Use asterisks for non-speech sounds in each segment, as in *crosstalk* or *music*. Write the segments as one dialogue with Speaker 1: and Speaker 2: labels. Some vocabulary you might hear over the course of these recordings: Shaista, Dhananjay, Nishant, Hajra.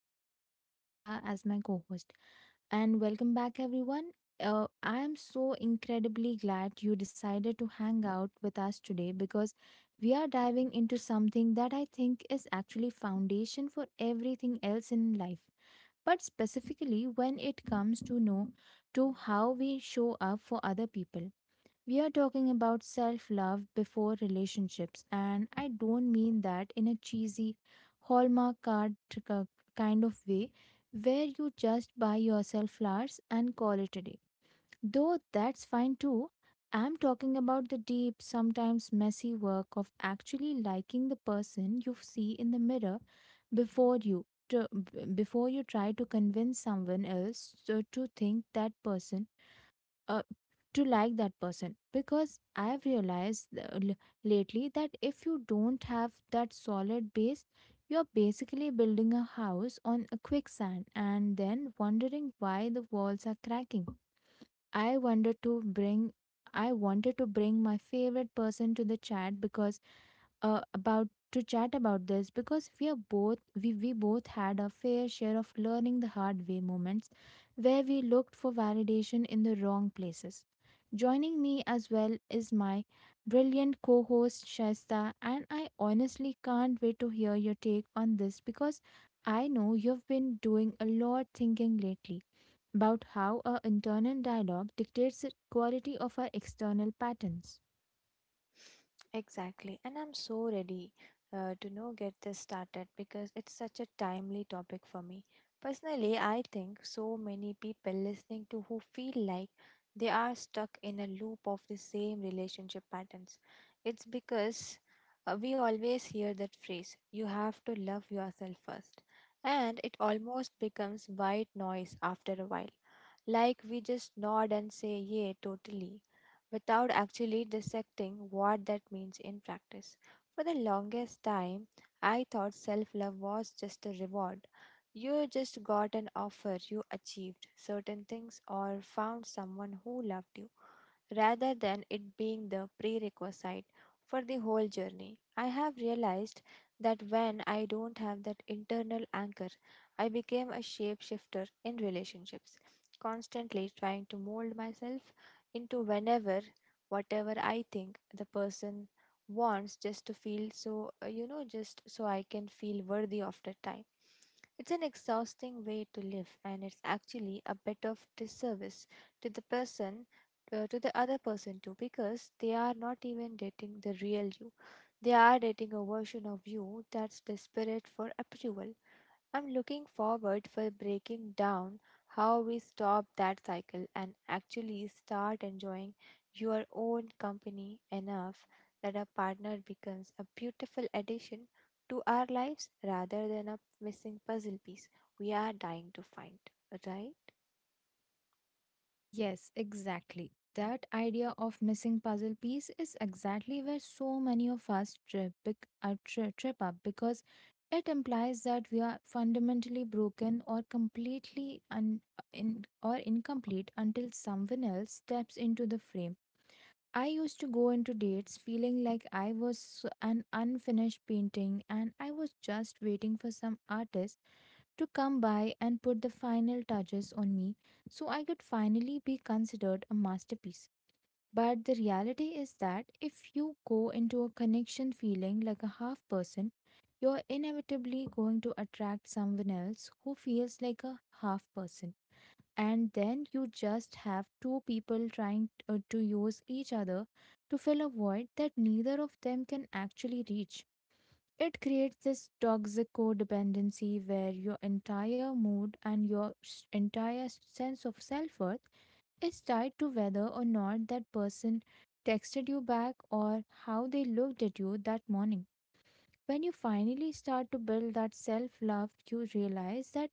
Speaker 1: me, I have Shaista as my co host. And welcome back, everyone. I am so incredibly glad you decided to hang out with us today because we are diving into something that I think is actually foundation for everything else in life. But specifically when it comes to know to how we show up for other people. We are talking about self love before relationships, and I don't mean that in a cheesy Hallmark kind of way where you just buy yourself flowers and call it a day. Though that's fine too, I'm talking about the deep, sometimes messy work of actually liking the person you see in the mirror before you. Before you try to convince someone else to think that person uh, to like that person because I have realized lately that if you don't have that solid base you're basically building a house on a quicksand and then wondering why the walls are cracking. I wanted to bring i wanted to bring my favorite person to the chat because about to chat about this because we are we both had our fair share of learning the hard way moments where we looked for validation in the wrong places. Joining me as well is my brilliant co-host Shaista, and I honestly can't wait to hear your take on this because I know you've been doing a lot thinking lately about how our internal dialogue dictates the quality of our external patterns.
Speaker 2: Exactly, and I'm so ready to now get this started because it's such a timely topic for me. Personally, I think so many people listening to who feel like they are stuck in a loop of the same relationship patterns. It's because we always hear that phrase, you have to love yourself first, and it almost becomes white noise after a while. Like we just nod and say, yeah, totally, without actually dissecting what that means in practice. For the longest time, I thought self love was just a reward. You just got an offer, you achieved certain things, or found someone who loved you rather than it being the prerequisite for the whole journey. I have realized that when I don't have that internal anchor, I became a shapeshifter in relationships, constantly trying to mold myself into whenever, whatever I think the person wants just to feel just so I can feel worthy of the time. It's an exhausting way to live, and it's actually a bit of disservice to the person to the other person too because they are not even dating the real you. They are dating a version of you that's desperate for approval. I'm looking forward for breaking down how we stop that cycle and actually start enjoying your own company enough that a partner becomes a beautiful addition to our lives rather than a missing puzzle piece we are dying to find, right?
Speaker 1: Yes, exactly. That idea of missing puzzle piece is exactly where so many of us trip, trip up because it implies that we are fundamentally broken or completely or incomplete until someone else steps into the frame. I used to go into dates feeling like I was an unfinished painting and I was just waiting for some artist to come by and put the final touches on me so I could finally be considered a masterpiece. But the reality is that if you go into a connection feeling like a half person, you're inevitably going to attract someone else who feels like a half person and then you just have two people trying to use each other to fill a void that neither of them can actually reach. It creates this toxic codependency where your entire mood and your entire sense of self worth is tied to whether or not that person texted you back or how they looked at you that morning. When you finally start to build that self love, you realize that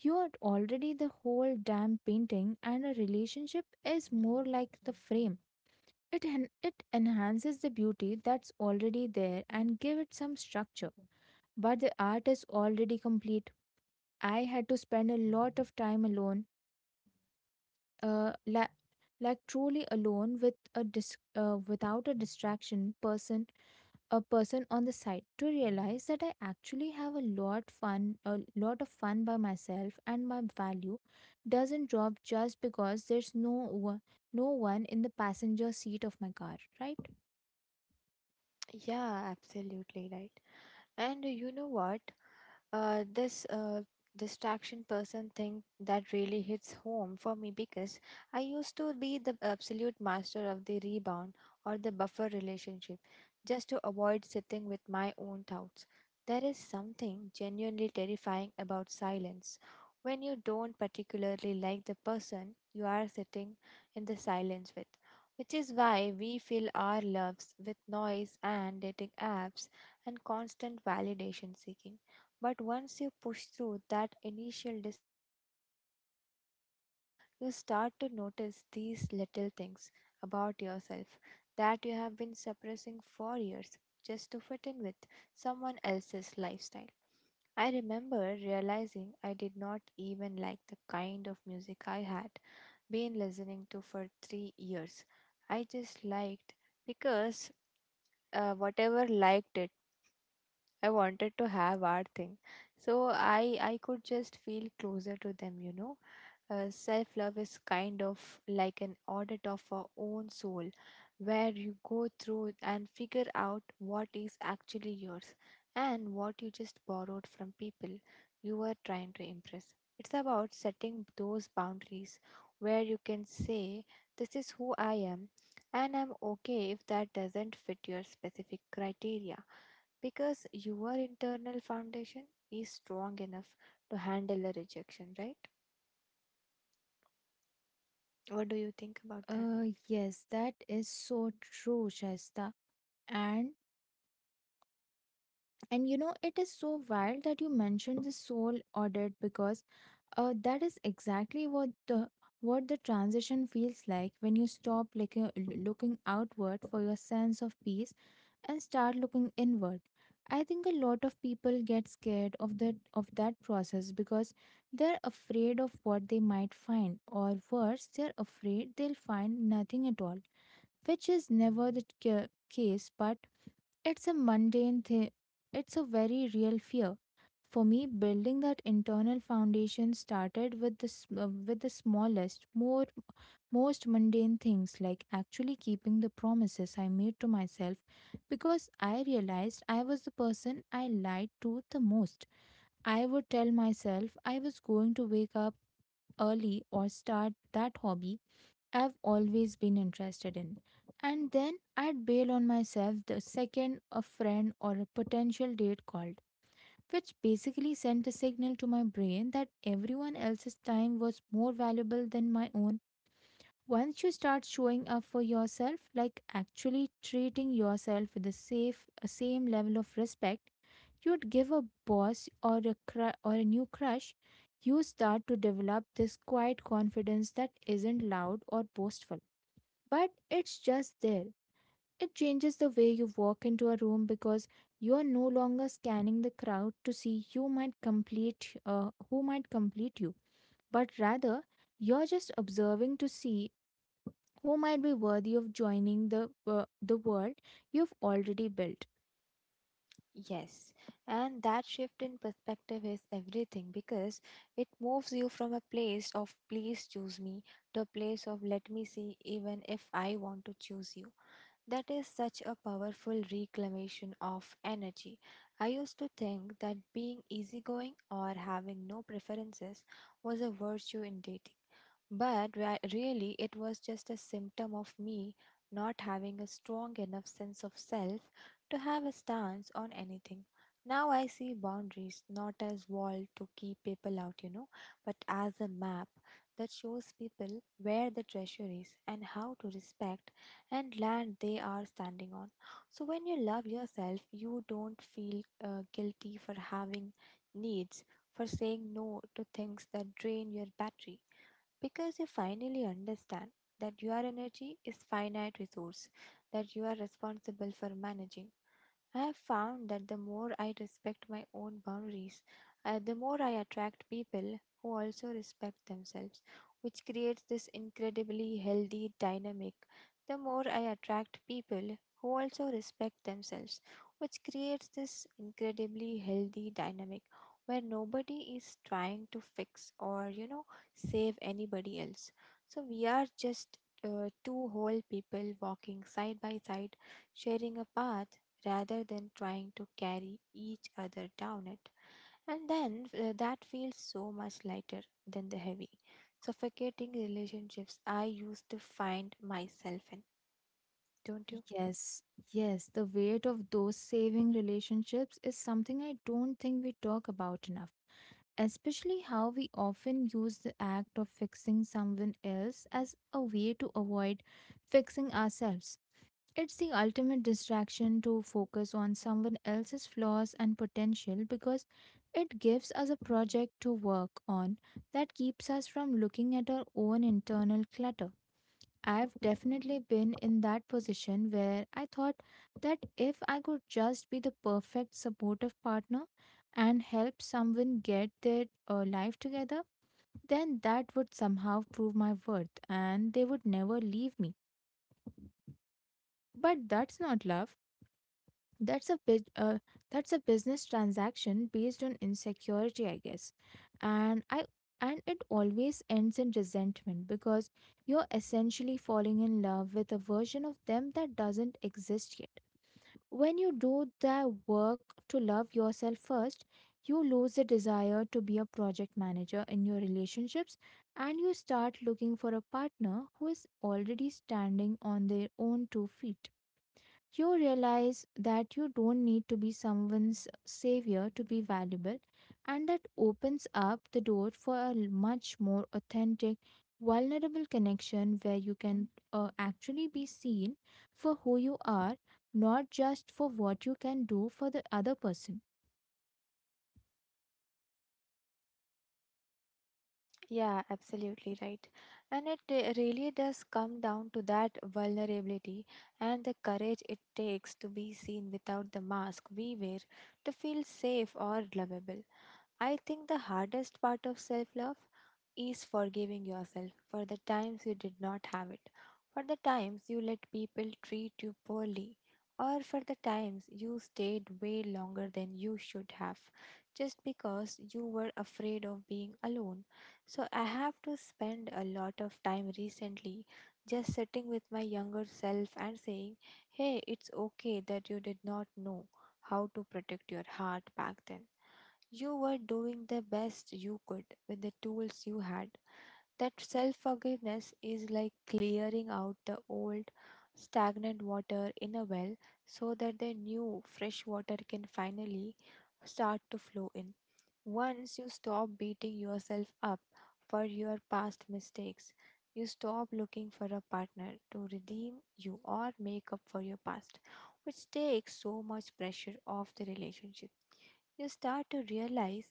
Speaker 1: you're already the whole damn painting, and a relationship is more like the frame. It enhances the beauty that's already there and give it some structure. But the art is already complete. I had to spend a lot of time alone, uh, la- like truly alone with a without a distraction person a person on the side to realize that I actually have a lot of fun by myself, and my value doesn't drop just because there's no one in the passenger seat of my car, right?
Speaker 2: Yeah, absolutely right. And you know what? This distraction person thing that really hits home for me because I used to be the absolute master of the rebound or the buffer relationship just to avoid sitting with my own doubts. There is something genuinely terrifying about silence. When you don't particularly like the person you are sitting in the silence with, which is why we fill our loves with noise and dating apps and constant validation seeking. But once you push through that initial discomfort of being alone, you start to notice these little things about yourself that you have been suppressing for years just to fit in with someone else's lifestyle. I remember realizing I did not even like the kind of music I had been listening to for 3 years. I just liked because whatever liked it I wanted to have our thing. So I could just feel closer to them, you know. Self love is kind of like an audit of our own soul, where you go through and figure out what is actually yours and what you just borrowed from people you were trying to impress. It's about setting those boundaries where you can say, this is who I am, and I'm okay if that doesn't fit your specific criteria because your internal foundation is strong enough to handle the rejection, right? What do you think about that?
Speaker 1: Yes that is so true, Shaista. And and you know, it is so wild that you mentioned the soul audit because that is exactly what the transition feels like when you stop looking outward for your sense of peace and start looking inward. I think a lot of people get scared of that process because they're afraid of what they might find or worse, they're afraid they'll find nothing at all, which is never the case, but it's a mundane thing. It's a very real fear. For me, building that internal foundation started with the smallest, more most mundane things like actually keeping the promises I made to myself because I realized I was the person I lied to the most. I would tell myself I was going to wake up early or start that hobby I've always been interested in. And then I'd bail on myself the second a friend or a potential date called, which basically sent a signal to my brain that everyone else's time was more valuable than my own. Once you start showing up for yourself, like actually treating yourself with the safe same level of respect you'd give a boss or a new crush, you start to develop this quiet confidence that isn't loud or boastful, but it's just there. It changes the way you walk into a room because you are no longer scanning the crowd to see who might complete you, but rather you're just observing to see who might be worthy of joining the world you've already built.
Speaker 2: Yes, and that shift in perspective is everything because it moves you from a place of please choose me to a place of let me see even if I want to choose you. That is such a powerful reclamation of energy. I used to think that being easygoing or having no preferences was a virtue in dating, but really it was just a symptom of me not having a strong enough sense of self to have a stance on anything. Now I see boundaries not as wall to keep people out, you know, but as a map that shows people where the treasure is and how to respect and land they are standing on. So, when you love yourself, you don't feel guilty for having needs, for saying no to things that drain your battery, because you finally understand that your energy is finite resource that you are responsible for managing. I have found that the more I respect my own boundaries, the more I attract people who also respect themselves, which creates this incredibly healthy dynamic. The more I attract people who also respect themselves, which creates this incredibly healthy dynamic where nobody is trying to fix or, you know, save anybody else. So we are just two whole people walking side by side, sharing a path rather than trying to carry each other down it. And then that feels so much lighter than the heavy, suffocating relationships I used to find myself in. Don't you?
Speaker 1: Yes, yes the weight of those saving relationships is something I don't think we talk about enough, especially how we often use the act of fixing someone else as a way to avoid fixing ourselves. It's the ultimate distraction to focus on someone else's flaws and potential because it gives us a project to work on that keeps us from looking at our own internal clutter. I've definitely been in that position where I thought that if I could just be the perfect supportive partner and help someone get their life together, then that would somehow prove my worth and they would never leave me. But that's not love. That's a big, uh, that's a business transaction based on insecurity, I guess. And I and it always ends in resentment because you're essentially falling in love with a version of them that doesn't exist yet. When you do the work to love yourself first, you lose the desire to be a project manager in your relationships, and you start looking for a partner who is already standing on their own two feet. You realize that you don't need to be someone's savior to be valuable, and that opens up the door for much more authentic, vulnerable connection where you can actually be seen for who you are, not just for what you can do for the other person.
Speaker 2: Yeah, absolutely right. And it really does come down to that vulnerability and the courage it takes to be seen without the mask we wear to feel safe or lovable. I think the hardest part of self love is forgiving yourself for the times you did not have it, for the times you let people treat you poorly, or for the times you stayed way longer than you should have just because you were afraid of being alone. So I have to spend a lot of time recently just sitting with my younger self and saying, hey, it's okay that you did not know how to protect your heart back then. You were doing the best you could with the tools you had. That self forgiveness is like clearing out the old, stagnant water in a well so that the new, fresh water can finally start to flow in. Once you stop beating yourself up for your past mistakes, you stop looking for a partner to redeem you or make up for your past, which takes so much pressure off the relationship. You start to realize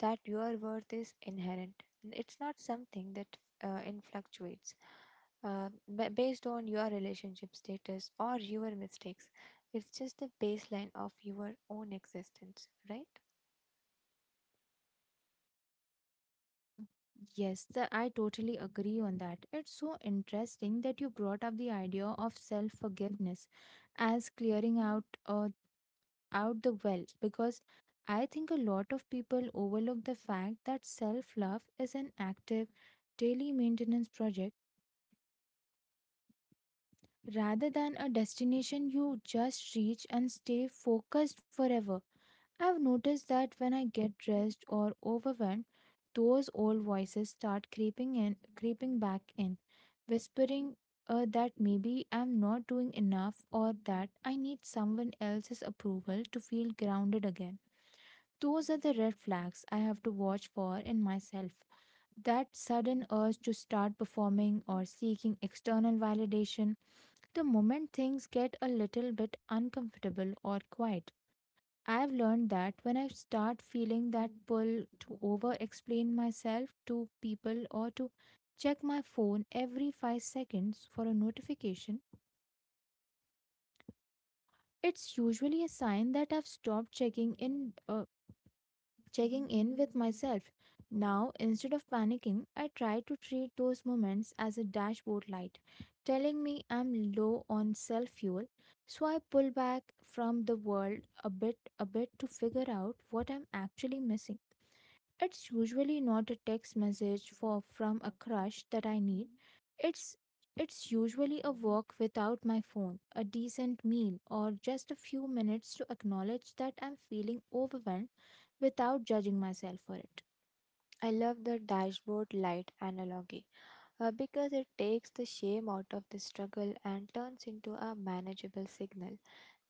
Speaker 2: that your worth is inherent. It's not something that in fluctuates based on your relationship status or your mistakes. It's just the baseline of your own existence, right?
Speaker 1: Yes, I totally agree on that. It's so interesting that you brought up the idea of self forgiveness as clearing out the well because I think a lot of people overlook the fact that self love is an active daily maintenance project rather than a destination you just reach and stay focused forever. I've noticed that when I get dressed or overwhelmed, those old voices start creeping back in, whispering that maybe I'm not doing enough or that I need someone else's approval to feel grounded again. Those are the red flags I have to watch for in myself. That sudden urge to start performing or seeking external validation, the moment things get a little bit uncomfortable or quiet. I've learned that when I start feeling that pull to over explain myself to people or to check my phone every 5 seconds for a notification, it's usually a sign that I've stopped checking in with myself. Now, instead of panicking, I try to treat those moments as a dashboard light, telling me I'm low on self fuel. So I pull back from the world a bit to figure out what I'm actually missing. It's usually not a text message for from a crush that I need. It's it's usually a walk without my phone, a decent meal, or just a few minutes to acknowledge that I'm feeling overwhelmed without judging myself for it.
Speaker 2: I love the dashboard light analogy because it takes the shame out of the struggle and turns into a manageable signal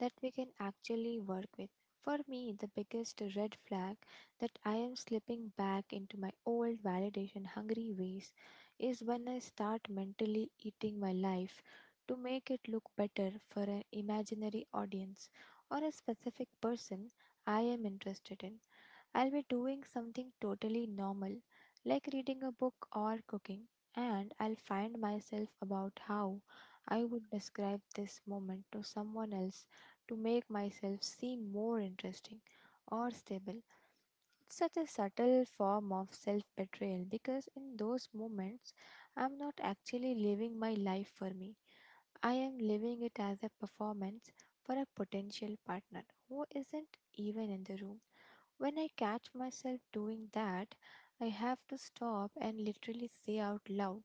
Speaker 2: that we can actually work with. For me, the biggest red flag that I am slipping back into my old validation hungry ways is when I start mentally eating my life to make it look better for an imaginary audience or a specific person I am interested in. I'll be doing something totally normal, like reading a book or cooking, and I'll find myself about how I would describe this moment to someone else to make myself seem more interesting or stable. It's such a subtle form of self betrayal because in those moments, I'm not actually living my life for me. I am living it as a performance for a potential partner who isn't even in the room. When I catch myself doing that, I have to stop and literally say out loud,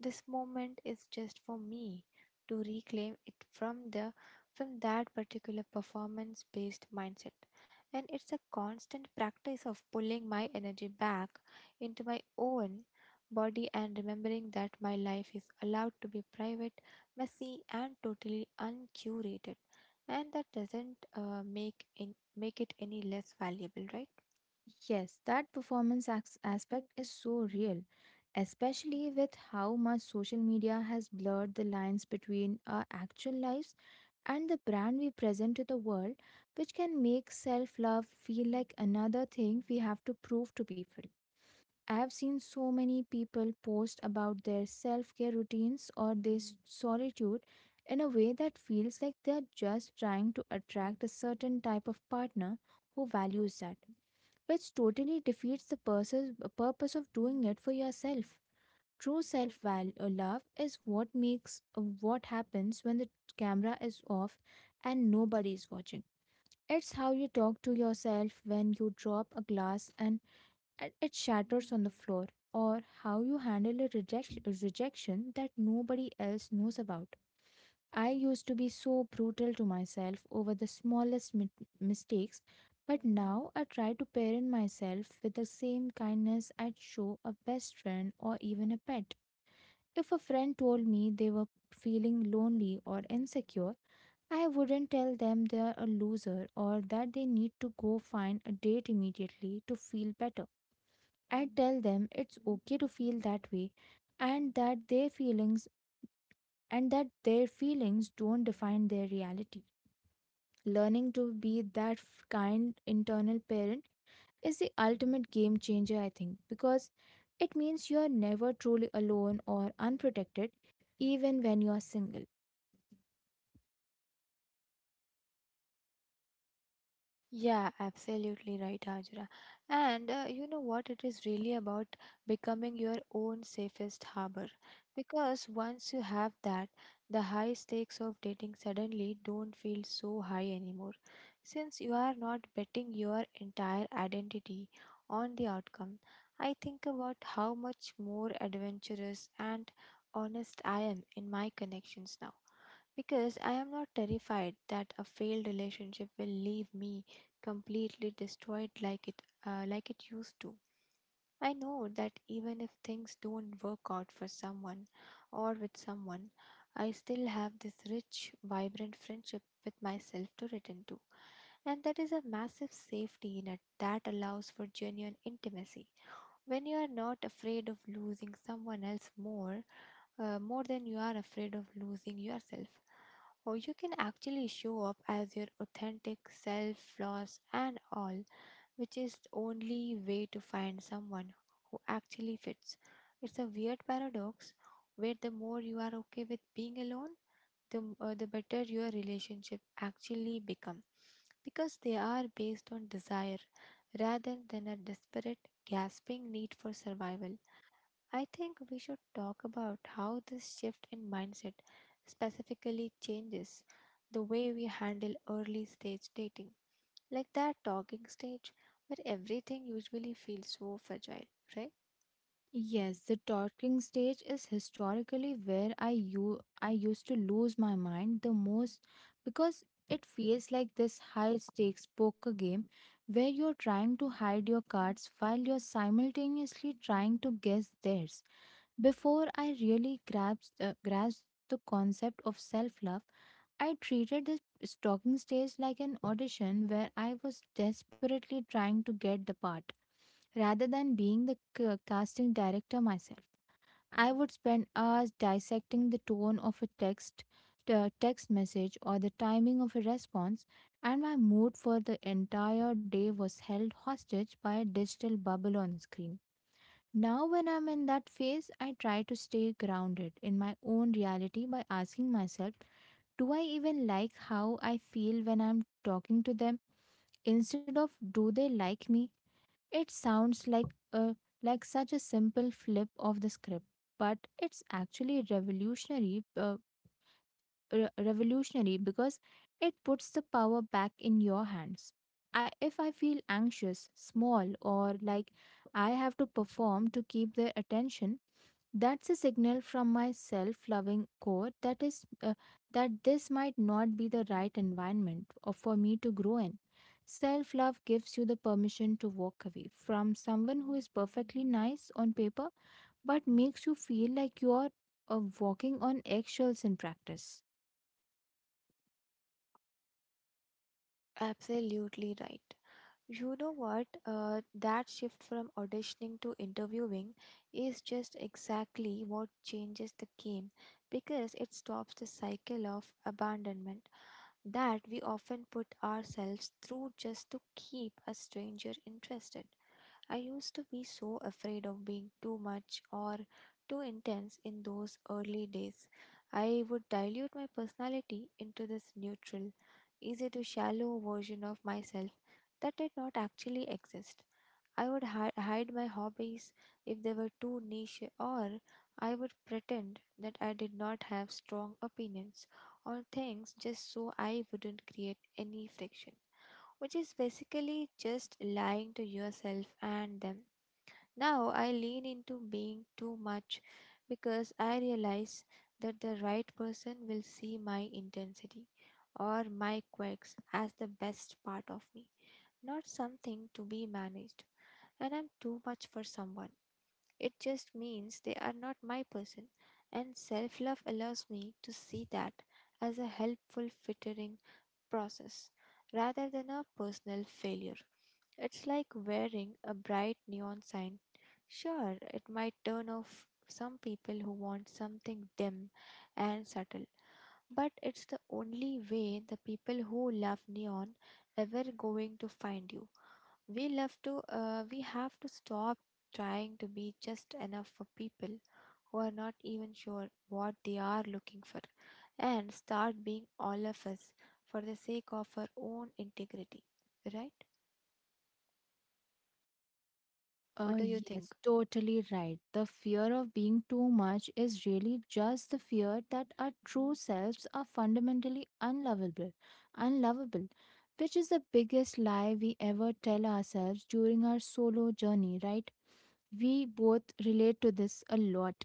Speaker 2: this moment is just for me to reclaim it from that particular performance based mindset. And it's a constant practice of pulling my energy back into my own body and remembering that my life is allowed to be private, messy, and totally uncurated. And that doesn't make it any less valuable, right?
Speaker 1: Yes, that performance aspect is so real, especially with how much social media has blurred the lines between our actual lives and the brand we present to the world, which can make self love feel like another thing we have to prove to people. I have seen so many people post about their self care routines or their solitude in a way that feels like they are just trying to attract a certain type of partner who values that, which totally defeats the purpose of doing it for yourself. True self love is what makes what happens when the camera is off and nobody is watching. It's how you talk to yourself when you drop a glass and it shatters on the floor, or how you handle a rejection that nobody else knows about. I used to be so brutal to myself over the smallest mistakes, but now I try to parent myself with the same kindness I'd show a best friend or even a pet. If a friend told me they were feeling lonely or insecure, I wouldn't tell them they're a loser or that they need to go find a date immediately to feel better. I tell them it's okay to feel that way and that their feelings and that their feelings don't define their reality. Learning to be that kind internal parent is the ultimate game changer, I think, because it means you are never truly alone or unprotected, even when you are single.
Speaker 2: Yeah, absolutely right, Hajra. And you know what? It is really about becoming your own safest harbor. Because once you have that, the high stakes of dating suddenly don't feel so high anymore. Since you are not betting your entire identity on the outcome, I think about how much more adventurous and honest I am in my connections now because I am not terrified that a failed relationship will leave me completely destroyed like it used to. I know that even if things don't work out for someone or with someone, I still have this rich, vibrant friendship with myself to return to. And that is a massive safety net that allows for genuine intimacy. When you are not afraid of losing someone else more, more than you are afraid of losing yourself, or you can actually show up as your authentic self, flaws, and all, which is the only way to find someone who actually fits. It's a weird paradox where the more you are okay with being alone, the better your relationship actually become because they are based on desire rather than a desperate, gasping need for survival. I think we should talk about how this shift in mindset specifically changes the way we handle early stage dating. Like that talking stage where everything usually feels so fragile, right?
Speaker 1: Yes, the talking stage is historically where I used to lose my mind the most, because it feels like this high stakes poker game where you're trying to hide your cards while you're simultaneously trying to guess theirs. Before I really grasped the concept of self love, I treated the stalking stage like an audition where I was desperately trying to get the part rather than being the casting director myself. I would spend hours dissecting the tone of a text, the text message, or the timing of a response, and my mood for the entire day was held hostage by a digital bubble on the screen. Now, when I'm in that phase, I try to stay grounded in my own reality by asking myself, do I even like how I feel when I'm talking to them, instead of do they like me? It sounds like a like such a simple flip of the script, but it's actually revolutionary because it puts the power back in your hands. If I feel anxious, small, or like I have to perform to keep their attention, that's a signal from my self-loving core that this might not be the right environment or for me to grow in. Self-love gives you the permission to walk away from someone who is perfectly nice on paper but makes you feel like you are walking on eggshells in practice.
Speaker 2: Absolutely right. You know what? That shift from auditioning to interviewing is just exactly what changes the game because it stops the cycle of abandonment that we often put ourselves through just to keep a stranger interested. I used to be so afraid of being too much or too intense in those early days. I would dilute my personality into this neutral, easy to shallow version of myself that did not actually exist. I would hide my hobbies if they were too niche, or I would pretend that I did not have strong opinions on things just so I wouldn't create any friction, which is basically just lying to yourself and them. Now I lean into being too much because I realize that the right person will see my intensity or my quirks as the best part of me, not something to be managed. And I'm too much for someone. It just means they are not my person. And self love allows me to see that as a helpful filtering process rather than a personal failure. It's like wearing a bright neon sign. Sure, it might turn off some people who want something dim and subtle, but it's the only way the people who love neon ever going to find you. We have to stop trying to be just enough for people who are not even sure what they are looking for and start being all of us for the sake of our own integrity, right? What
Speaker 1: Uh,
Speaker 2: do you think?
Speaker 1: yes, totally right. The fear of being too much is really just the fear that our true selves are fundamentally unlovable, which is the biggest lie we ever tell ourselves during our solo journey, right? We both relate to this a lot.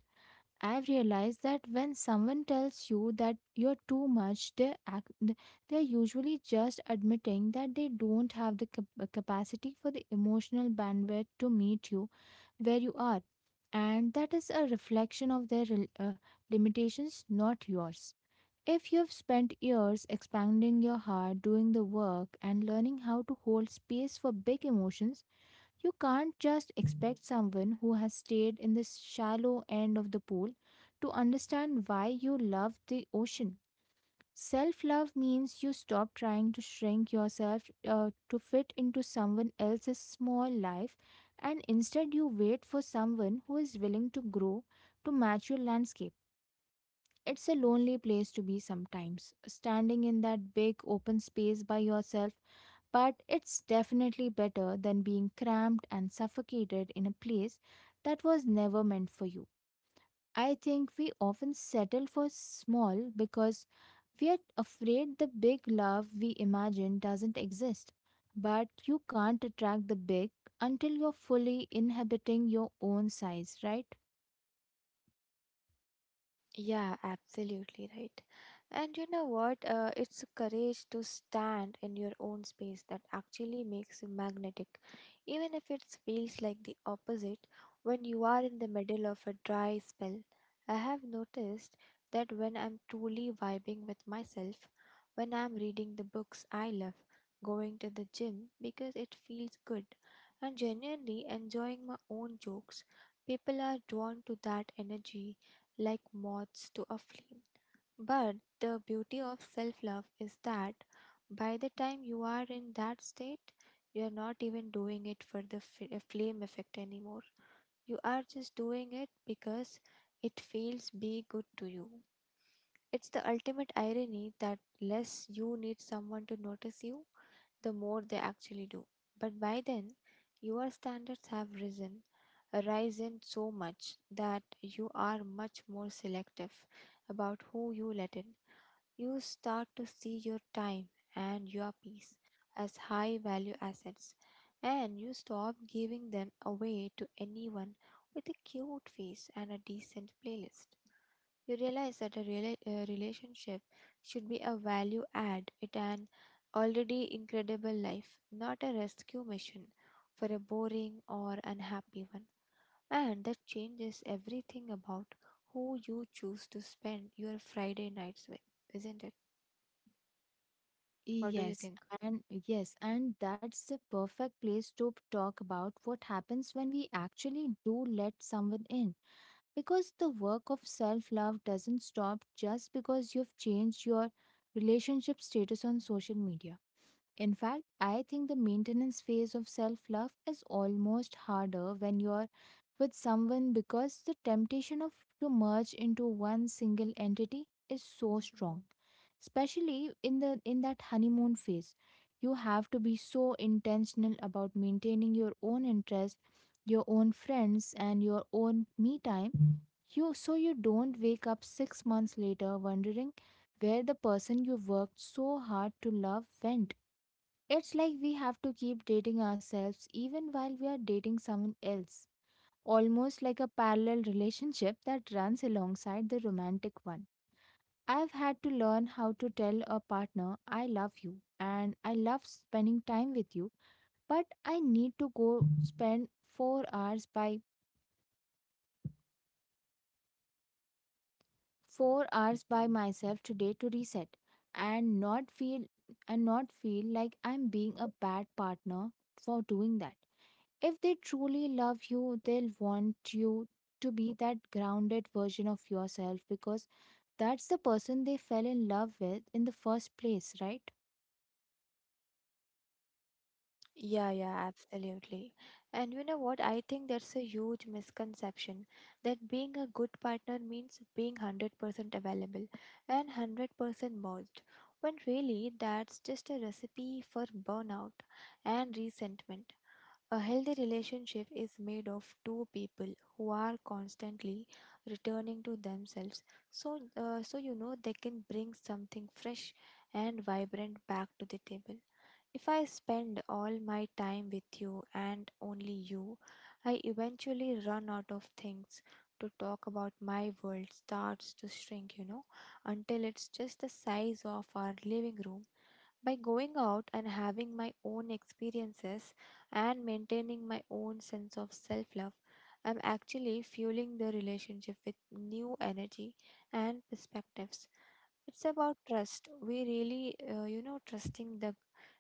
Speaker 1: I've realized that when someone tells you that you're too much, they're usually just admitting that they don't have the capacity for the emotional bandwidth to meet you where you are. And that is a reflection of their limitations, not yours. If you've spent years expanding your heart, doing the work, and learning how to hold space for big emotions, you can't just expect someone who has stayed in the shallow end of the pool to understand why you love the ocean. Self love means you stop trying to shrink yourself to fit into someone else's small life, and instead you wait for someone who is willing to grow to match your landscape. It's a lonely place to be sometimes, standing in that big open space by yourself, but it's definitely better than being cramped and suffocated in a place that was never meant for you. I think we often settle for small because we are afraid the big love we imagine doesn't exist. But you can't attract the big until you're fully inhabiting your own size, right?
Speaker 2: Yeah, absolutely right. And you know what? It's courage to stand in your own space that actually makes you magnetic, even if it feels like the opposite when you are in the middle of a dry spell. I have noticed that when I'm truly vibing with myself, when I'm reading the books I love, going to the gym because it feels good, and genuinely enjoying my own jokes, people are drawn to that energy like moths to a flame. But the beauty of self love is that by the time you are in that state, you are not even doing it for the flame effect anymore. You are just doing it because it feels be good to you. It's the ultimate irony that less you need someone to notice you, the more they actually do. But by then, your standards have risen so much that you are much more selective about who you let in. You start to see your time and your peace as high value assets, and you stop giving them away to anyone with a cute face and a decent playlist. You realize that a relationship should be a value add at an already incredible life, not a rescue mission for a boring or unhappy one. And that changes everything about who you choose to spend your Friday nights with, isn't it? What do you
Speaker 1: Yes,
Speaker 2: think?
Speaker 1: and yes, and that's the perfect place to talk about what happens when we actually do let someone in. Because the work of self love doesn't stop just because you've changed your relationship status on social media. In fact, I think the maintenance phase of self love is almost harder when you're with someone, because the temptation of to merge into one single entity is so strong. Especially in that honeymoon phase. You have to be so intentional about maintaining your own interest, your own friends, and your own me time. Mm. You so you don't wake up 6 months later wondering where the person you worked so hard to love went. It's like we have to keep dating ourselves even while we are dating someone else, almost like a parallel relationship that runs alongside the romantic one. I've had to learn how to tell a partner, I love you and I love spending time with you, but I need to go spend 4 hours by 4 hours by myself today to reset, and not feel and not feel like I'm being a bad partner for doing that. If they truly love you, they'll want you to be that grounded version of yourself, because that's the person they fell in love with in the first place, right?
Speaker 2: Yeah, yeah, absolutely. And you know what? I think that's a huge misconception that being a good partner means being 100% available and 100% merged, when really that's just a recipe for burnout and resentment. A healthy relationship is made of two people who are constantly returning to themselves, so they can bring something fresh and vibrant back to the table. If I spend all my time with you and only you, I eventually run out of things to talk about. My world starts to shrink, you know, until it's just the size of our living room by going out and having my own experiences and maintaining my own sense of self love, I'm actually fueling the relationship with new energy and perspectives. It's about trust. We really, trusting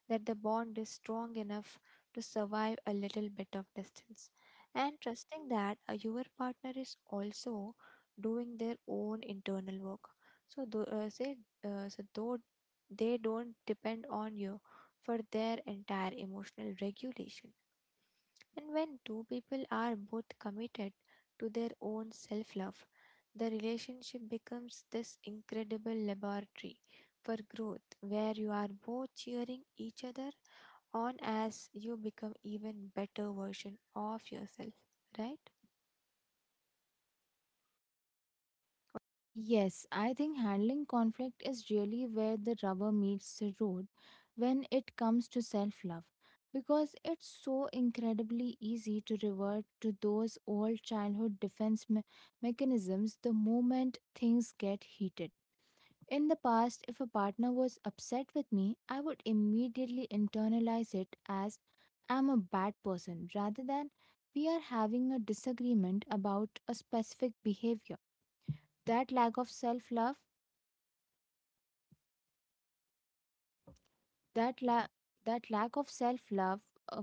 Speaker 2: that the bond is strong enough to survive a little bit of distance. And trusting that your partner is also doing their own internal work. So, though, uh, say, so though they don't depend on you for their entire emotional regulation. And when two people are both committed to their own self love, the relationship becomes this incredible laboratory for growth where you are both cheering each other on as you become even better version of yourself, right?
Speaker 1: Yes, I think handling conflict is really where the rubber meets the road when it comes to self love, because it's so incredibly easy to revert to those old childhood defense mechanisms the moment things get heated. In the past, if a partner was upset with me, I would immediately internalize it as I'm a bad person, rather than we are having a disagreement about a specific behavior. That lack of self-love, that la- that lack of self-love uh,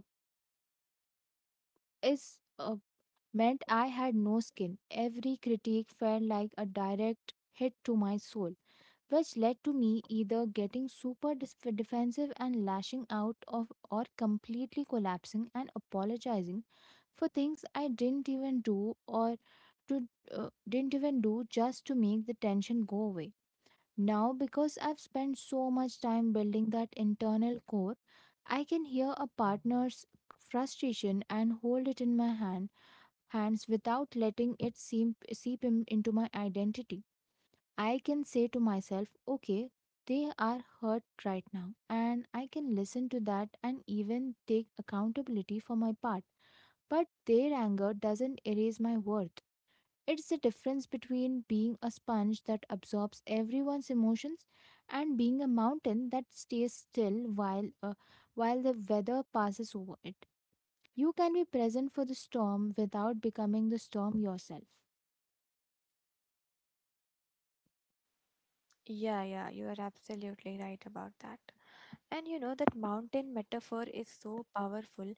Speaker 1: is meant I had no skin. Every critique felt like a direct hit to my soul, which led to me either getting super defensive and lashing out of or completely collapsing and apologizing for things I didn't even do, or to didn't even do just to make the tension go away. Now, because I've spent so much time building that internal core, I can hear a partner's frustration and hold it in my hands without letting it seep into my identity. I can say to myself, okay, they are hurt right now, and I can listen to that and even take accountability for my part. But their anger doesn't erase my worth. It's the difference between being a sponge that absorbs everyone's emotions and being a mountain that stays still while the weather passes over it. You can be present for the storm without becoming the storm yourself.
Speaker 2: Yeah, yeah, you are absolutely right about that. And you know that mountain metaphor is so powerful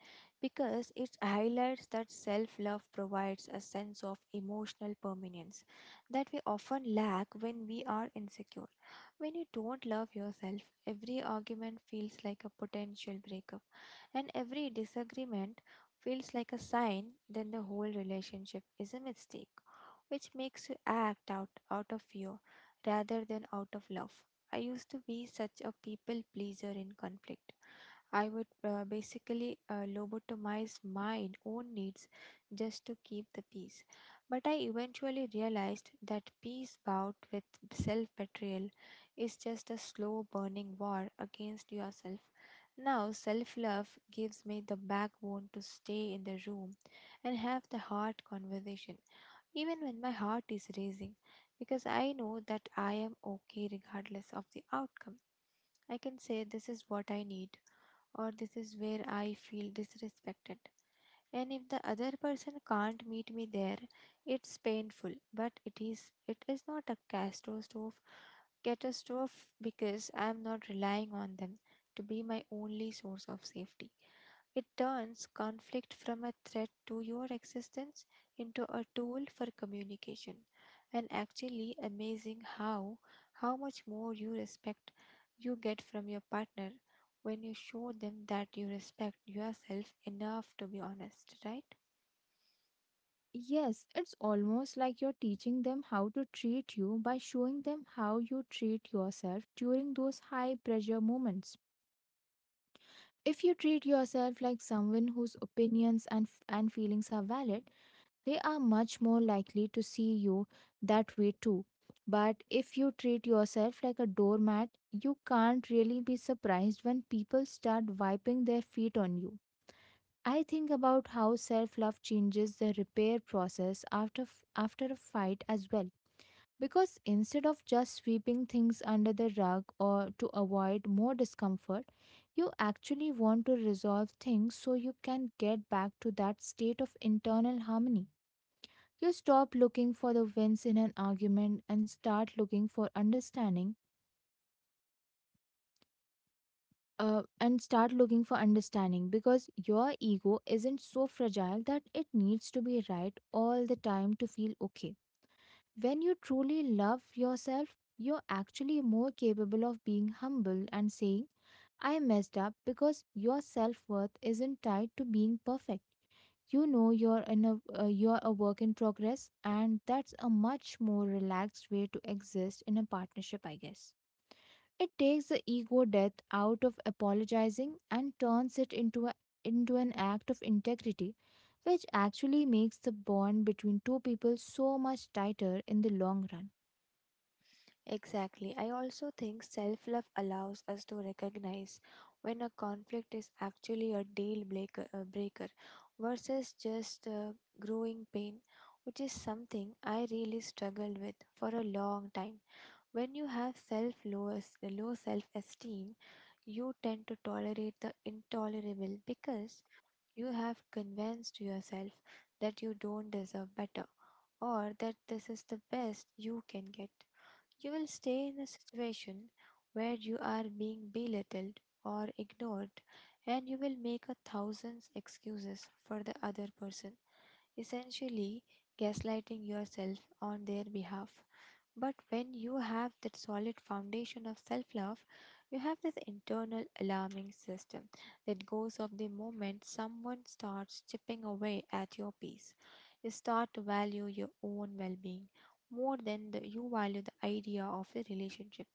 Speaker 2: because it highlights that self love provides a sense of emotional permanence that we often lack when we are insecure. When you don't love yourself, every argument feels like a potential breakup, and every disagreement feels like a sign that the whole relationship is a mistake, which makes you act out, out of fear rather than out of love. I used to be such a people pleaser in conflict. I would basically lobotomize my own needs just to keep the peace. But I eventually realized that peace bout with self betrayal is just a slow burning war against yourself. Now, self love gives me the backbone to stay in the room and have the hard conversation even when my heart is racing, because I know that I am okay regardless of the outcome. I can say this is what I need, or this is where I feel disrespected. And if the other person can't meet me there, it's painful, but it is not a catastrophe because I am not relying on them to be my only source of safety. It turns conflict from a threat to your existence into a tool for communication. And actually amazing how much more you respect you get from your partner when you show them that you respect yourself enough to be honest, right?
Speaker 1: Yes, it's almost like you're teaching them how to treat you by showing them how you treat yourself during those high pressure moments. If you treat yourself like someone whose opinions and feelings are valid, they are much more likely to see you that way too. But if you treat yourself like a doormat, you can't really be surprised when people start wiping their feet on you. I think about how self love changes the repair process after a fight as well. Because instead of just sweeping things under the rug or to avoid more discomfort, you actually want to resolve things so you can get back to that state of internal harmony. You stop looking for the wins in an argument and start looking for understanding, because your ego isn't so fragile that it needs to be right all the time to feel okay. When you truly love yourself, you're actually more capable of being humble and saying, I messed up, because your self worth isn't tied to being perfect. You know you're a work in progress, and that's a much more relaxed way to exist in a partnership, I guess. It takes the ego death out of apologizing and turns it into an act of integrity, which actually makes the bond between two people so much tighter in the long run.
Speaker 2: Exactly. I also think self love allows us to recognize when a conflict is actually a deal breaker versus just growing pain, which is something I really struggled with for a long time. When you have low self esteem, you tend to tolerate the intolerable because you have convinced yourself that you don't deserve better or that this is the best you can get. You will stay in a situation where you are being belittled or ignored, and you will make a thousand excuses for the other person, essentially gaslighting yourself on their behalf. But when you have that solid foundation of self love, you have this internal alarming system that goes off the moment someone starts chipping away at your peace. You start to value your own well being more than the, you value the idea of the relationship,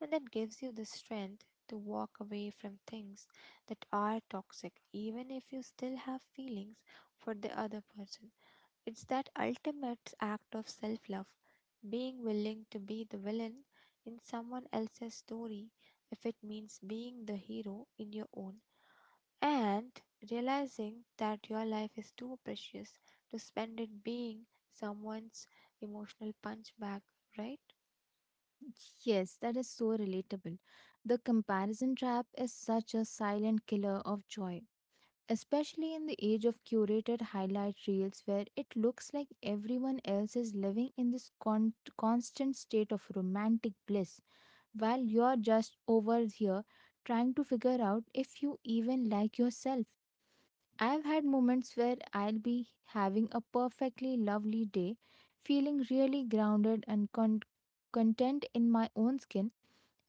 Speaker 2: and that gives you the strength to walk away from things that are toxic, even if you still have feelings for the other person. It's that ultimate act of self love, being willing to be the villain in someone else's story if it means being the hero in your own, and realizing that your life is too precious to spend it being someone's emotional punchbag, right?
Speaker 1: Yes, that is so relatable. The comparison trap is such a silent killer of joy, especially in the age of curated highlight reels, where it looks like everyone else is living in this constant state of romantic bliss while you're just over here trying to figure out if you even like yourself. I've had moments where I'll be having a perfectly lovely day, feeling really grounded and content in my own skin,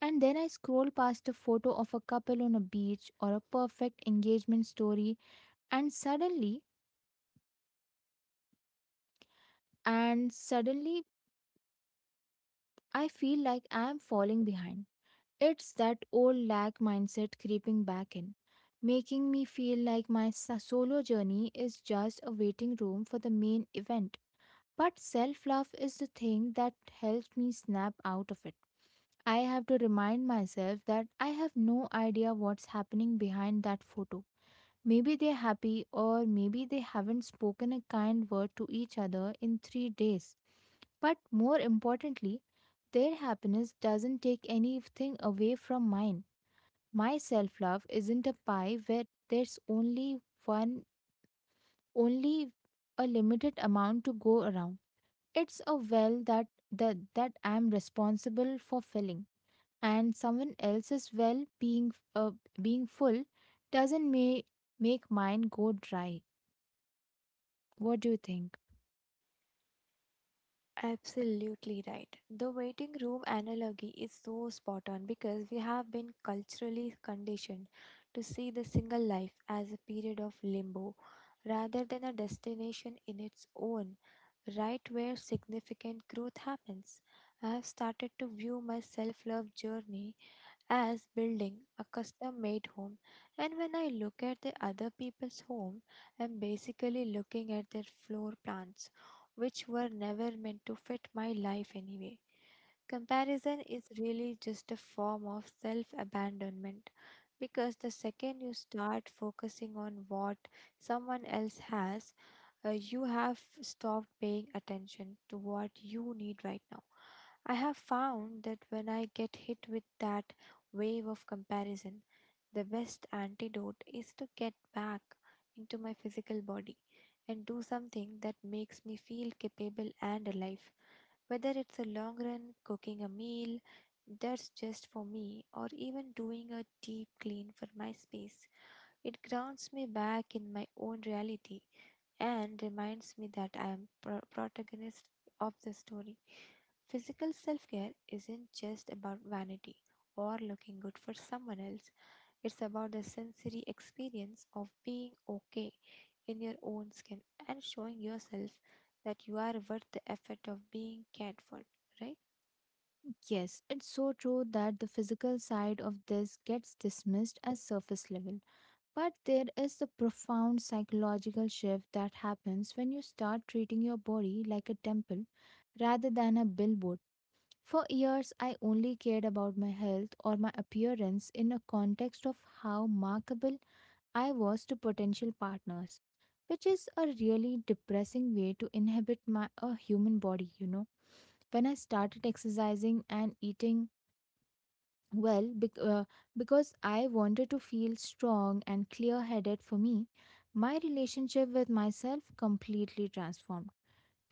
Speaker 1: and then I scroll past a photo of a couple on a beach or a perfect engagement story, and suddenly, I feel like I'm falling behind. It's that old lag mindset creeping back in, making me feel like my solo journey is just a waiting room for the main event. But self love is the thing that helps me snap out of it. I have to remind myself that I have no idea what's happening behind that photo. Maybe they're happy, or maybe they haven't spoken a kind word to each other in 3 days. But more importantly, their happiness doesn't take anything away from mine. My self love isn't a pie where there's only a limited amount to go around. It's a well that I'm responsible for filling. And someone else's well being full doesn't make mine go dry. What do you think?
Speaker 2: Absolutely right. The waiting room analogy is so spot on because we have been culturally conditioned to see the single life as a period of limbo rather than a destination in its own, right where significant growth happens. I have started to view my self love journey as building a custom made home. And when I look at the other people's home, I'm basically looking at their floor plans, which were never meant to fit my life anyway. Comparison is really just a form of self abandonment because the second you start focusing on what someone else has, you have stopped paying attention to what you need right now. I have found that when I get hit with that wave of comparison, the best antidote is to get back into my physical body and do something that makes me feel capable and alive. Whether it's a long run, cooking a meal that's just for me, or even doing a deep clean for my space, it grounds me back in my own reality and reminds me that I am protagonist of the story. Physical self-care isn't just about vanity or looking good for someone else. It's about the sensory experience of being okay in your own skin and showing yourself that you are worth the effort of being cared for, right?
Speaker 1: Yes, it's so true that the physical side of this gets dismissed as surface level. But there is the profound psychological shift that happens when you start treating your body like a temple rather than a billboard. For years, I only cared about my health or my appearance in a context of how markable I was to potential partners, which is a really depressing way to inhabit my a human body. When I started exercising and eating well because I wanted to feel strong and clear headed for me, my relationship with myself completely transformed.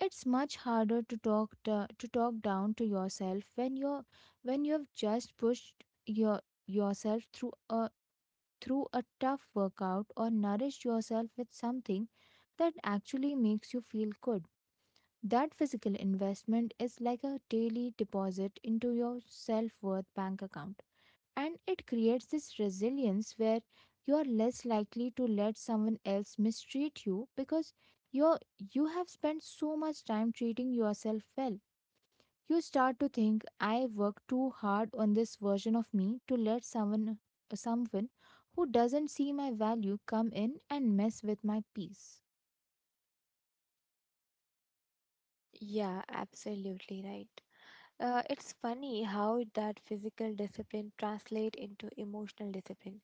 Speaker 1: It's much harder to talk down to yourself when you're when you've just pushed yourself through a tough workout or nourished yourself with something that actually makes you feel good. That physical investment is like a daily deposit into your self worth bank account. And it creates this resilience where you are less likely to let someone else mistreat you because you're, you have spent so much time treating yourself well. You start to think, I worked too hard on this version of me to let someone who doesn't see my value come in and mess with my peace.
Speaker 2: Yeah, absolutely right. It's funny how that physical discipline translate into emotional discipline.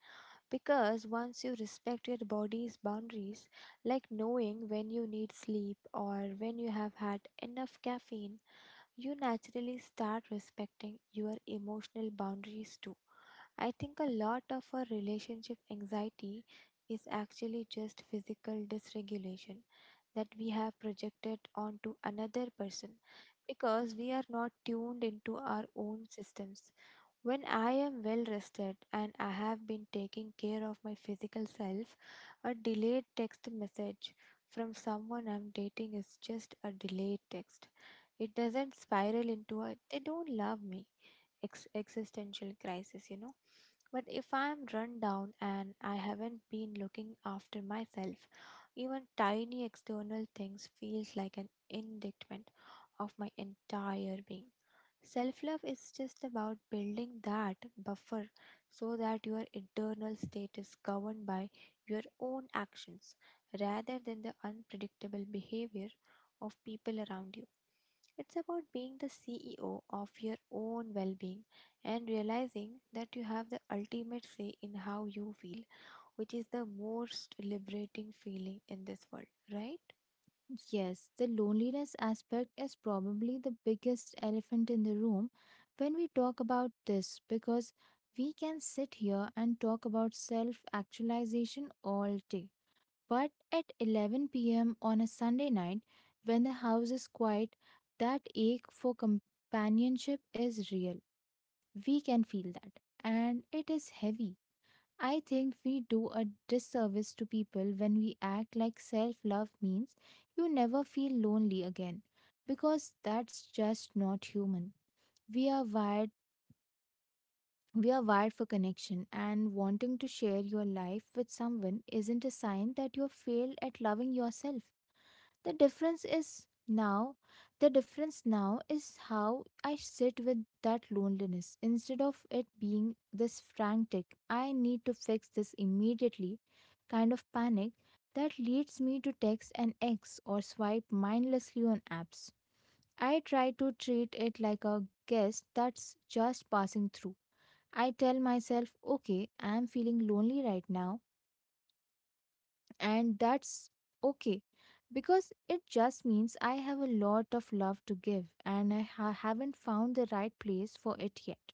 Speaker 2: Because once you respect your body's boundaries, like knowing when you need sleep or when you have had enough caffeine, you naturally start respecting your emotional boundaries too. I think a lot of our relationship anxiety is actually just physical dysregulation that we have projected onto another person because we are not tuned into our own systems. When I am well rested and I have been taking care of my physical self, a delayed text message from someone I'm dating is just a delayed text. It doesn't spiral into a they don't love me existential crisis, you know. But if I'm run down and I haven't been looking after myself, even tiny external things feels like an indictment of my entire being. Self-love is just about building that buffer so that your internal state is governed by your own actions rather than the unpredictable behavior of people around you. It's about being the CEO of your own well being and realizing that you have the ultimate say in how you feel, which is the most liberating feeling in this world, right?
Speaker 1: Yes, the loneliness aspect is probably the biggest elephant in the room when we talk about this because we can sit here and talk about self actualization all day. But at 11 p.m. on a Sunday night, when the house is quiet, that ache for companionship is real. We can feel that. And it is heavy. I think we do a disservice to people when we act like self love means you never feel lonely again because that's just not human. We are wired we are wired for connection, and wanting to share your life with someone isn't a sign that you have failed at loving yourself. the difference is now the difference now is how I sit with that loneliness, instead of it being this frantic I need to fix this immediately kind of panic that leads me to text an ex or swipe mindlessly on apps. I try to treat it like a guest that's just passing through. I tell myself, okay, I'm feeling lonely right now, and that's okay, because it just means I have a lot of love to give and I haven't found the right place for it yet.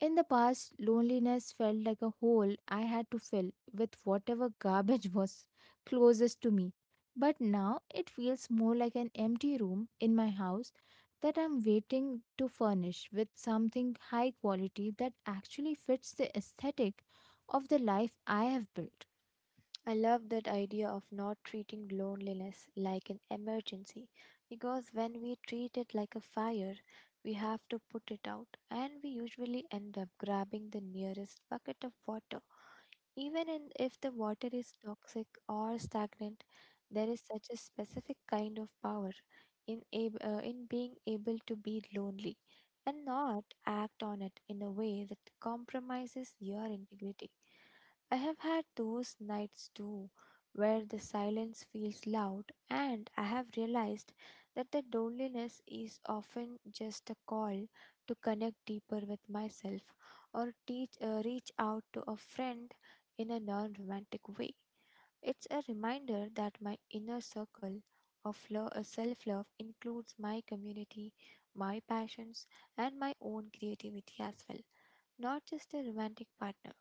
Speaker 1: In the past, loneliness felt like a hole I had to fill with whatever garbage *laughs* was closest to me. But now it feels more like an empty room in my house that I'm waiting to furnish with something high quality that actually fits the aesthetic of the life I have built.
Speaker 2: I love that idea of not treating loneliness like an emergency because when we treat it like a fire, we have to put it out, and we usually end up grabbing the nearest bucket of water. Even if the water is toxic or stagnant, there is such a specific kind of power in being able to be lonely and not act on it in a way that compromises your integrity. I have had those nights too, where the silence feels loud, and I have realized that the loneliness is often just a call to connect deeper with myself or reach out to a friend in a non romantic way. It's a reminder that my inner circle of self love includes my community, my passions, and my own creativity as well, not just a romantic partner.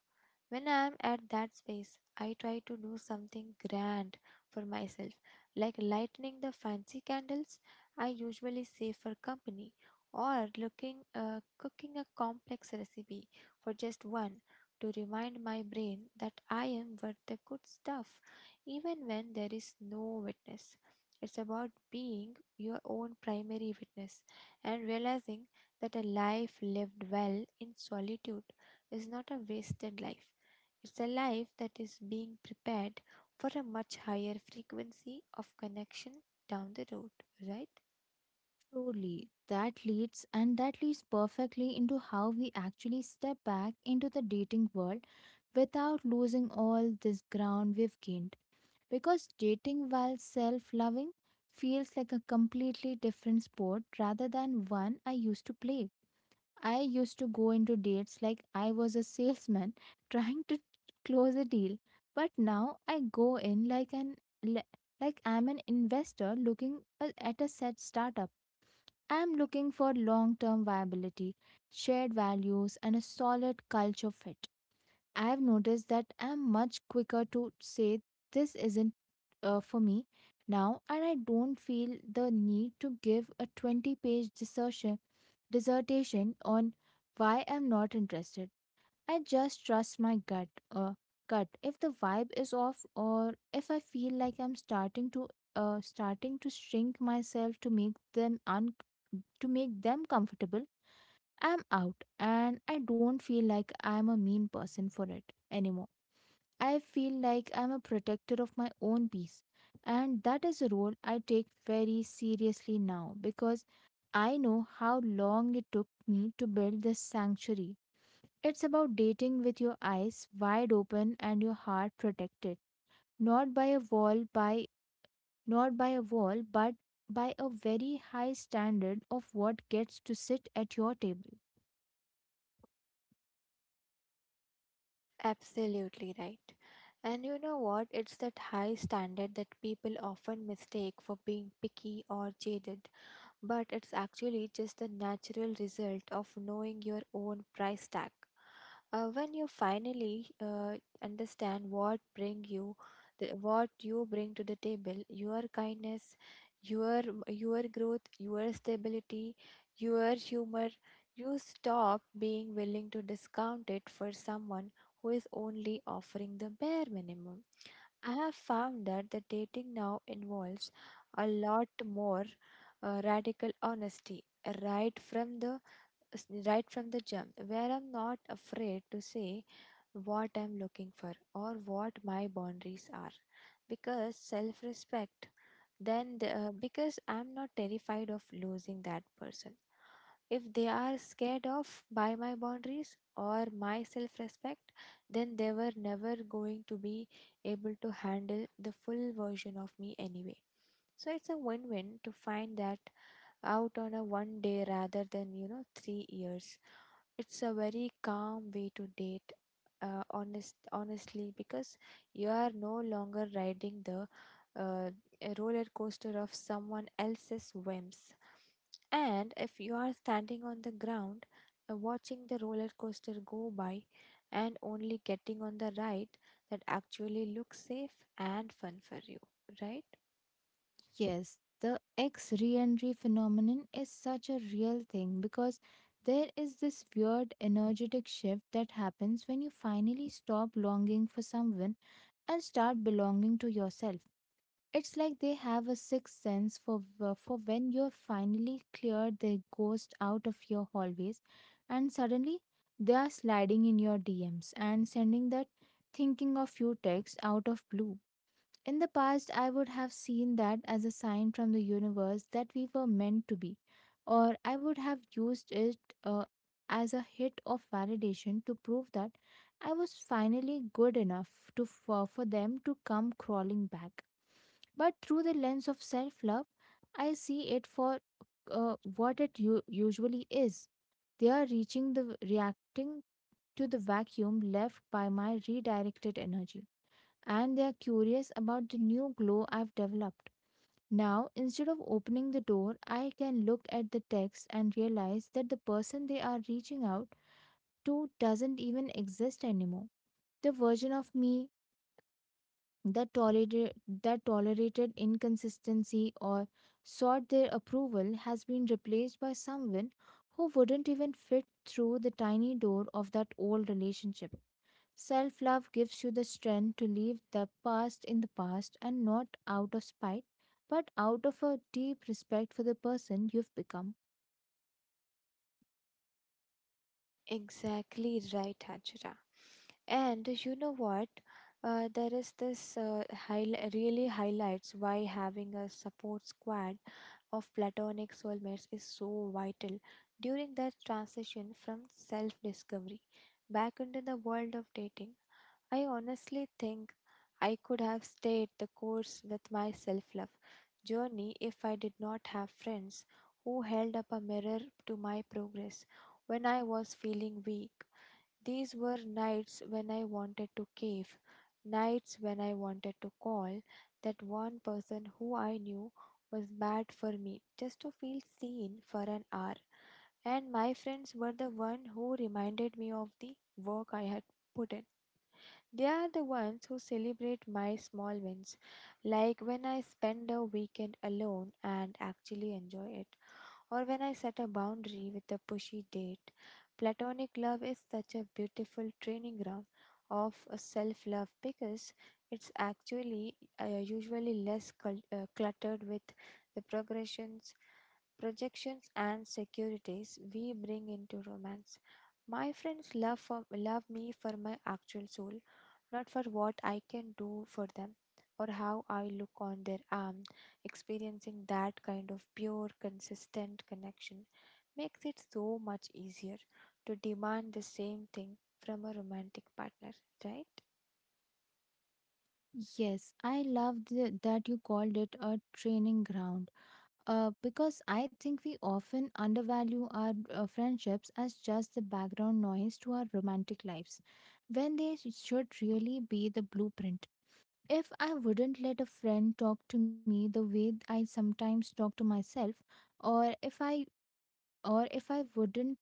Speaker 2: When I'm at that space, I try to do something grand for myself, like lighting the fancy candles I usually save for company, or looking cooking a complex recipe for just one, to remind my brain that I am worth the good stuff, even when there is no witness. It's about being your own primary witness and realizing that a life lived well in solitude is not a wasted life. It's a life that is being prepared for a much higher frequency of connection down the road, right?
Speaker 1: Truly, that leads perfectly into how we actually step back into the dating world without losing all this ground we've gained. Because dating while self loving feels like a completely different sport rather than one I used to play. I used to go into dates like I was a salesman *laughs* trying to close a deal, but now I go in like le- like I'm an investor looking at a set startup. I'm looking for long term viability, shared values, and a solid culture fit. I've noticed that I'm much quicker to say this isn't for me now, and I don't feel the need to give a 20 page dissertation on why I'm not interested. I just trust my gut. If the vibe is off, or if I feel like I'm starting to shrink myself to make them un to make them comfortable, I'm out, and I don't feel like I'm a mean person for it anymore. I feel like I'm a protector of my own peace, and that is a role I take very seriously now because I know how long it took me to build this sanctuary. It's about dating with your eyes wide open and your heart protected, not by a wall by not by a wall, but by a very high standard of what gets to sit at your table.
Speaker 2: Absolutely right. And you know what? It's that high standard that people often mistake for being picky or jaded, but it's actually just the natural result of knowing your own price tag. When you finally understand what you bring to the table, your kindness, your your growth, your stability, your humor, you stop being willing to discount it for someone who is only offering the bare minimum. I have found that the dating now involves a lot more radical honesty right from the right from the jump, where I'm not afraid to say what I'm looking for or what my boundaries are because because I'm not terrified of losing that person. If they are scared of by my boundaries or my self respect, then they were never going to be able to handle the full version of me anyway. So it's a win win to find that out on a one day rather than, you know, 3 years. It's a very calm way to date, honestly, because you are no longer riding the uh, roller coaster of someone else's whims. And if you are standing on the ground, watching the roller coaster go by and only getting on the ride that actually looks safe and fun for you, right?
Speaker 1: Yes, the ex re entry phenomenon is such a real thing because there is this weird energetic shift that happens when you finally stop longing for someone and start belonging to yourself. It's like they have a sixth sense for when you've finally cleared the ghost out of your hallways, and suddenly they are sliding in your DMs and sending that thinking of you text out of blue. In the past, I would have seen that as a sign from the universe that we were meant to be, or I would have used it as a hit of validation to prove that I was finally good enough to for them to come crawling back. But through the lens of self-love, I see it for what it usually is. They are reaching the reacting to the vacuum left by my redirected energy, and they are curious about the new glow I've developed. Now, instead of opening the door, I can look at the text and realize that the person they are reaching out to doesn't even exist anymore. The version of me that tolerated that tolerated inconsistency or sought their approval has been replaced by someone who wouldn't even fit through the tiny door of that old relationship. Self love gives you the strength to leave the past in the past, and not out of spite, but out of a deep respect for the person you've become.
Speaker 2: Exactly right, Hajra. And you know what? There is this high, Really highlights why having a support squad of platonic soulmates is so vital during that transition from self discovery back into the world of dating. I honestly think I could have stayed the course with my self love journey if I did not have friends who held up a mirror to my progress when I was feeling weak. These were nights when I wanted to cave, nights when I wanted to call that one person who I knew was bad for me just to feel seen for an hour. And my friends were the one who reminded me of the work I had put in. They are the ones who celebrate my small wins, like when I spend a weekend alone and actually enjoy it, or when I set a boundary with a pushy date. Platonic love is such a beautiful training ground of self love because it's actually usually less cluttered with the progressions, projections, and securities we bring into romance. My friends love me for my actual soul, not for what I can do for them or how I look on their arm. Experiencing that kind of pure, consistent connection makes it so much easier to demand the same thing from a romantic partner, right?
Speaker 1: Yes, I love that you called it a training ground, because I think we often undervalue our friendships as just the background noise to our romantic lives when they should really be the blueprint. If I wouldn't let a friend talk to me the way I sometimes talk to myself, or if I or if I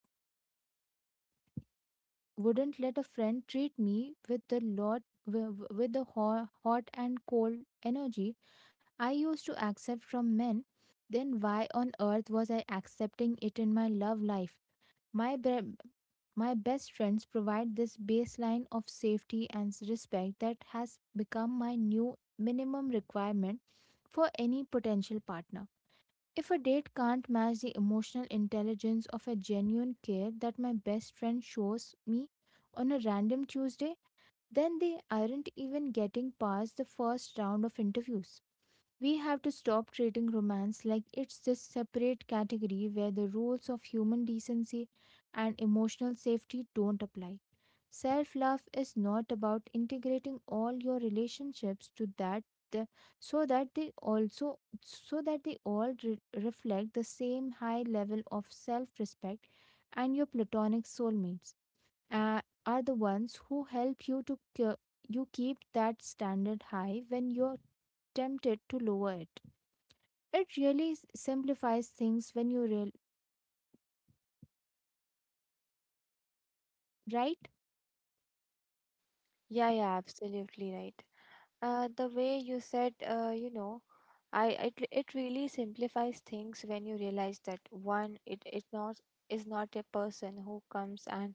Speaker 1: wouldn't let a friend treat me with the lot wi- wi- with the hot and cold energy I used to accept from men, then why on earth was I accepting it in my love life? My bre- my best friends provide this baseline of safety and respect that has become my new minimum requirement for any potential partner. If a date can't match the emotional intelligence of a genuine care that my best friend shows me on a random Tuesday, then they aren't even getting past the first round of interviews. We have to stop treating romance like it's this separate category where the rules of human decency and emotional safety don't apply. Self love is not about integrating all your relationships the, so that they also so that they all reflect the same high level of self-respect, and your platonic soulmates uh, are the ones who help you keep that standard high when you're tempted to lower it. It really simplifies things when you real right.
Speaker 2: Yeah, yeah, absolutely right. The way you said, you know, I it it really simplifies things when you realize that one, it is not a person who comes and,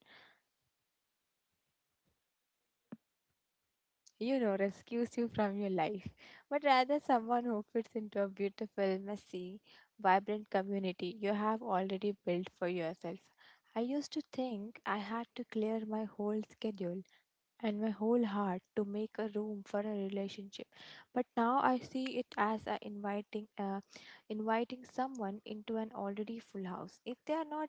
Speaker 2: you know, rescues you from your life, but rather someone who fits into a beautiful, messy, vibrant community you have already built for yourself. I used to think I had to clear my whole schedule and my whole heart to make a room for a relationship. But now I see it as inviting someone into an already full house.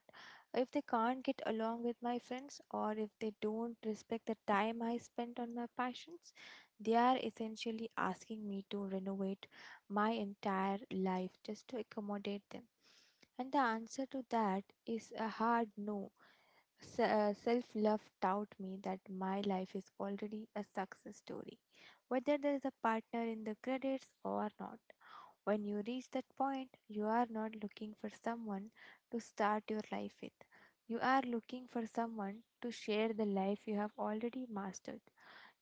Speaker 2: If they can't get along with my friends, or if they don't respect the time I spent on my passions, they are essentially asking me to renovate my entire life just to accommodate them. And the answer to that is a hard no. Self love taught me that my life is already a success story, whether there is a partner in the credits or not. When you reach that point, you are not looking for someone to start your life with. You are looking for someone to share the life you have already mastered.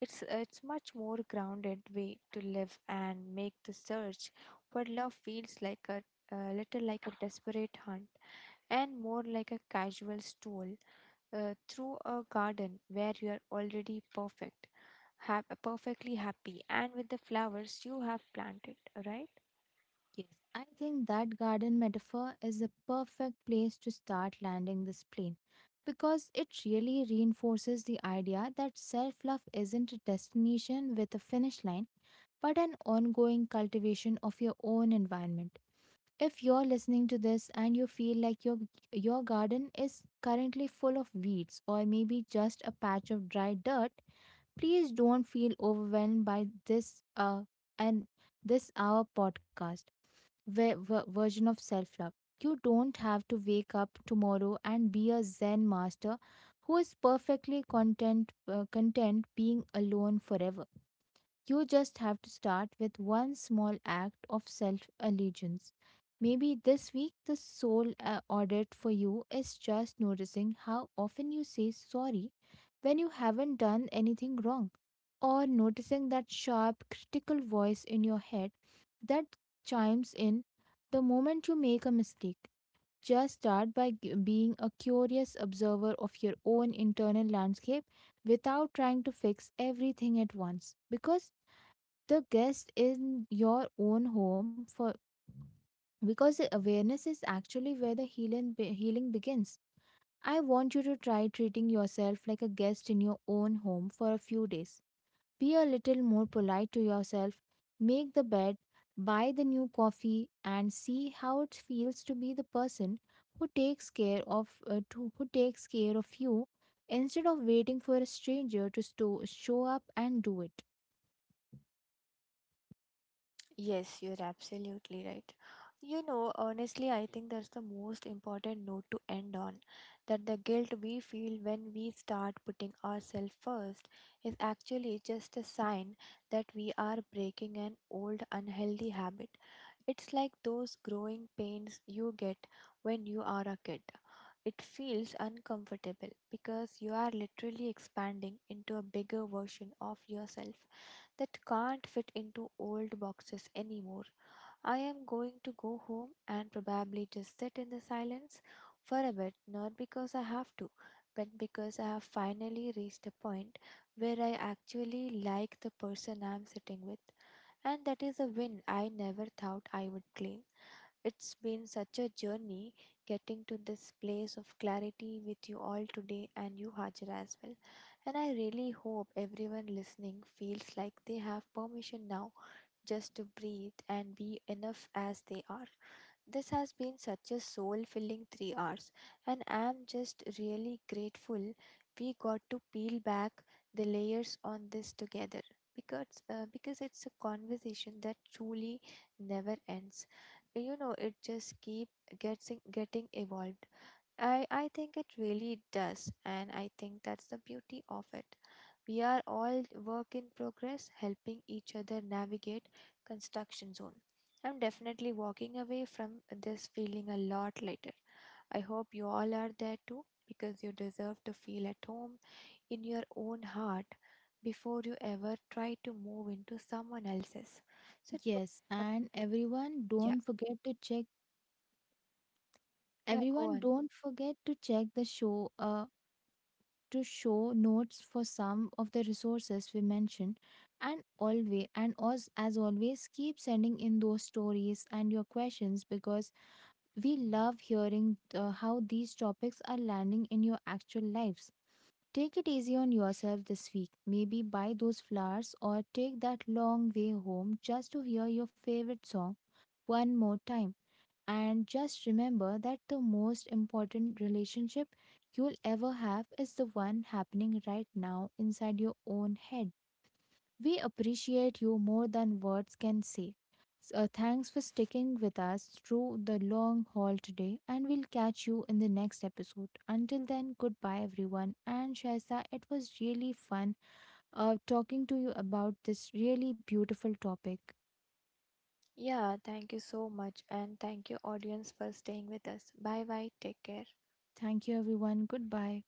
Speaker 2: It's much more grounded way to live and make the search for love feels like a little like a desperate hunt and more like a casual stroll through a garden where you are already perfect, have perfectly happy and with the flowers you have planted, right?
Speaker 1: Yes, I think that garden metaphor is a perfect place to start landing this plane because it really reinforces the idea that self love isn't a destination with a finish line but an ongoing cultivation of your own environment. If you're listening to this and you feel like your garden is currently full of weeds or maybe just a patch of dry dirt, please don't feel overwhelmed by this uh and this our podcast version of self love. You don't have to wake up tomorrow and be a Zen master who is perfectly content being alone forever. You just have to start with one small act of self allegiance. Maybe this week the sole audit for you is just noticing how often you say sorry when you haven't done anything wrong, or noticing that sharp, critical voice in your head that chimes in the moment you make a mistake. Just start by being a curious observer of your own internal landscape without trying to fix everything at once, because the guest in your own home for because the awareness is actually where the healing begins. I want you to try treating yourself like a guest in your own home for a few days. Be a little more polite to yourself, make the bed, buy the new coffee, and see how it feels to be the person who takes care of who takes care of you instead of waiting for a stranger to show up and do it.
Speaker 2: Yes, you're absolutely right. You know, honestly, I think that's the most important note to end on, that the guilt we feel when we start putting ourselves first is actually just a sign that we are breaking an old unhealthy habit. It's like those growing pains you get when you are a kid. It feels uncomfortable because you are literally expanding into a bigger version of yourself that can't fit into old boxes anymore. I am going to go home and probably just sit in the silence for a bit, not because I have to, but because I have finally reached a point where I actually like the person I'm sitting with. And that is a win I never thought I would claim. It's been such a journey getting to this place of clarity with you all today, and you, Hajra, as well. And I really hope everyone listening feels like they have permission now just to breathe and be enough as they are. This has been such a soul filling 3 hours, and I'm just really grateful we got to peel back the layers on this together because it's a conversation that truly never ends. You know, it just keep getting evolved. I think it really does, and I think that's the beauty of it. We are all work in progress, helping each other navigate construction zone. I'm definitely walking away from this feeling a lot lighter. I hope you all are there too, because you deserve to feel at home in your own heart before you ever try to move into someone else's. So,
Speaker 1: Yes, and
Speaker 2: yeah, yeah, go
Speaker 1: everyone
Speaker 2: on.
Speaker 1: don't forget to check the show notes for some of the resources we mentioned, and always and as always keep sending in those stories and your questions because we love hearing how these topics are landing in your actual lives. Take it easy on yourself this week. Maybe buy those flowers or take that long way home just to hear your favorite song one more time. And just remember that the most important relationship you'll ever have is the one happening right now inside your own head. We appreciate you more than words can say. So, thanks for sticking with us through the long haul today, and we'll catch you in the next episode. Until then, goodbye, everyone. And Shaisa, it was really fun talking to you about this really beautiful topic.
Speaker 2: Yeah, thank you so much. And thank you, audience, for staying with us. Bye bye. Take care.
Speaker 1: Thank you, everyone. Goodbye.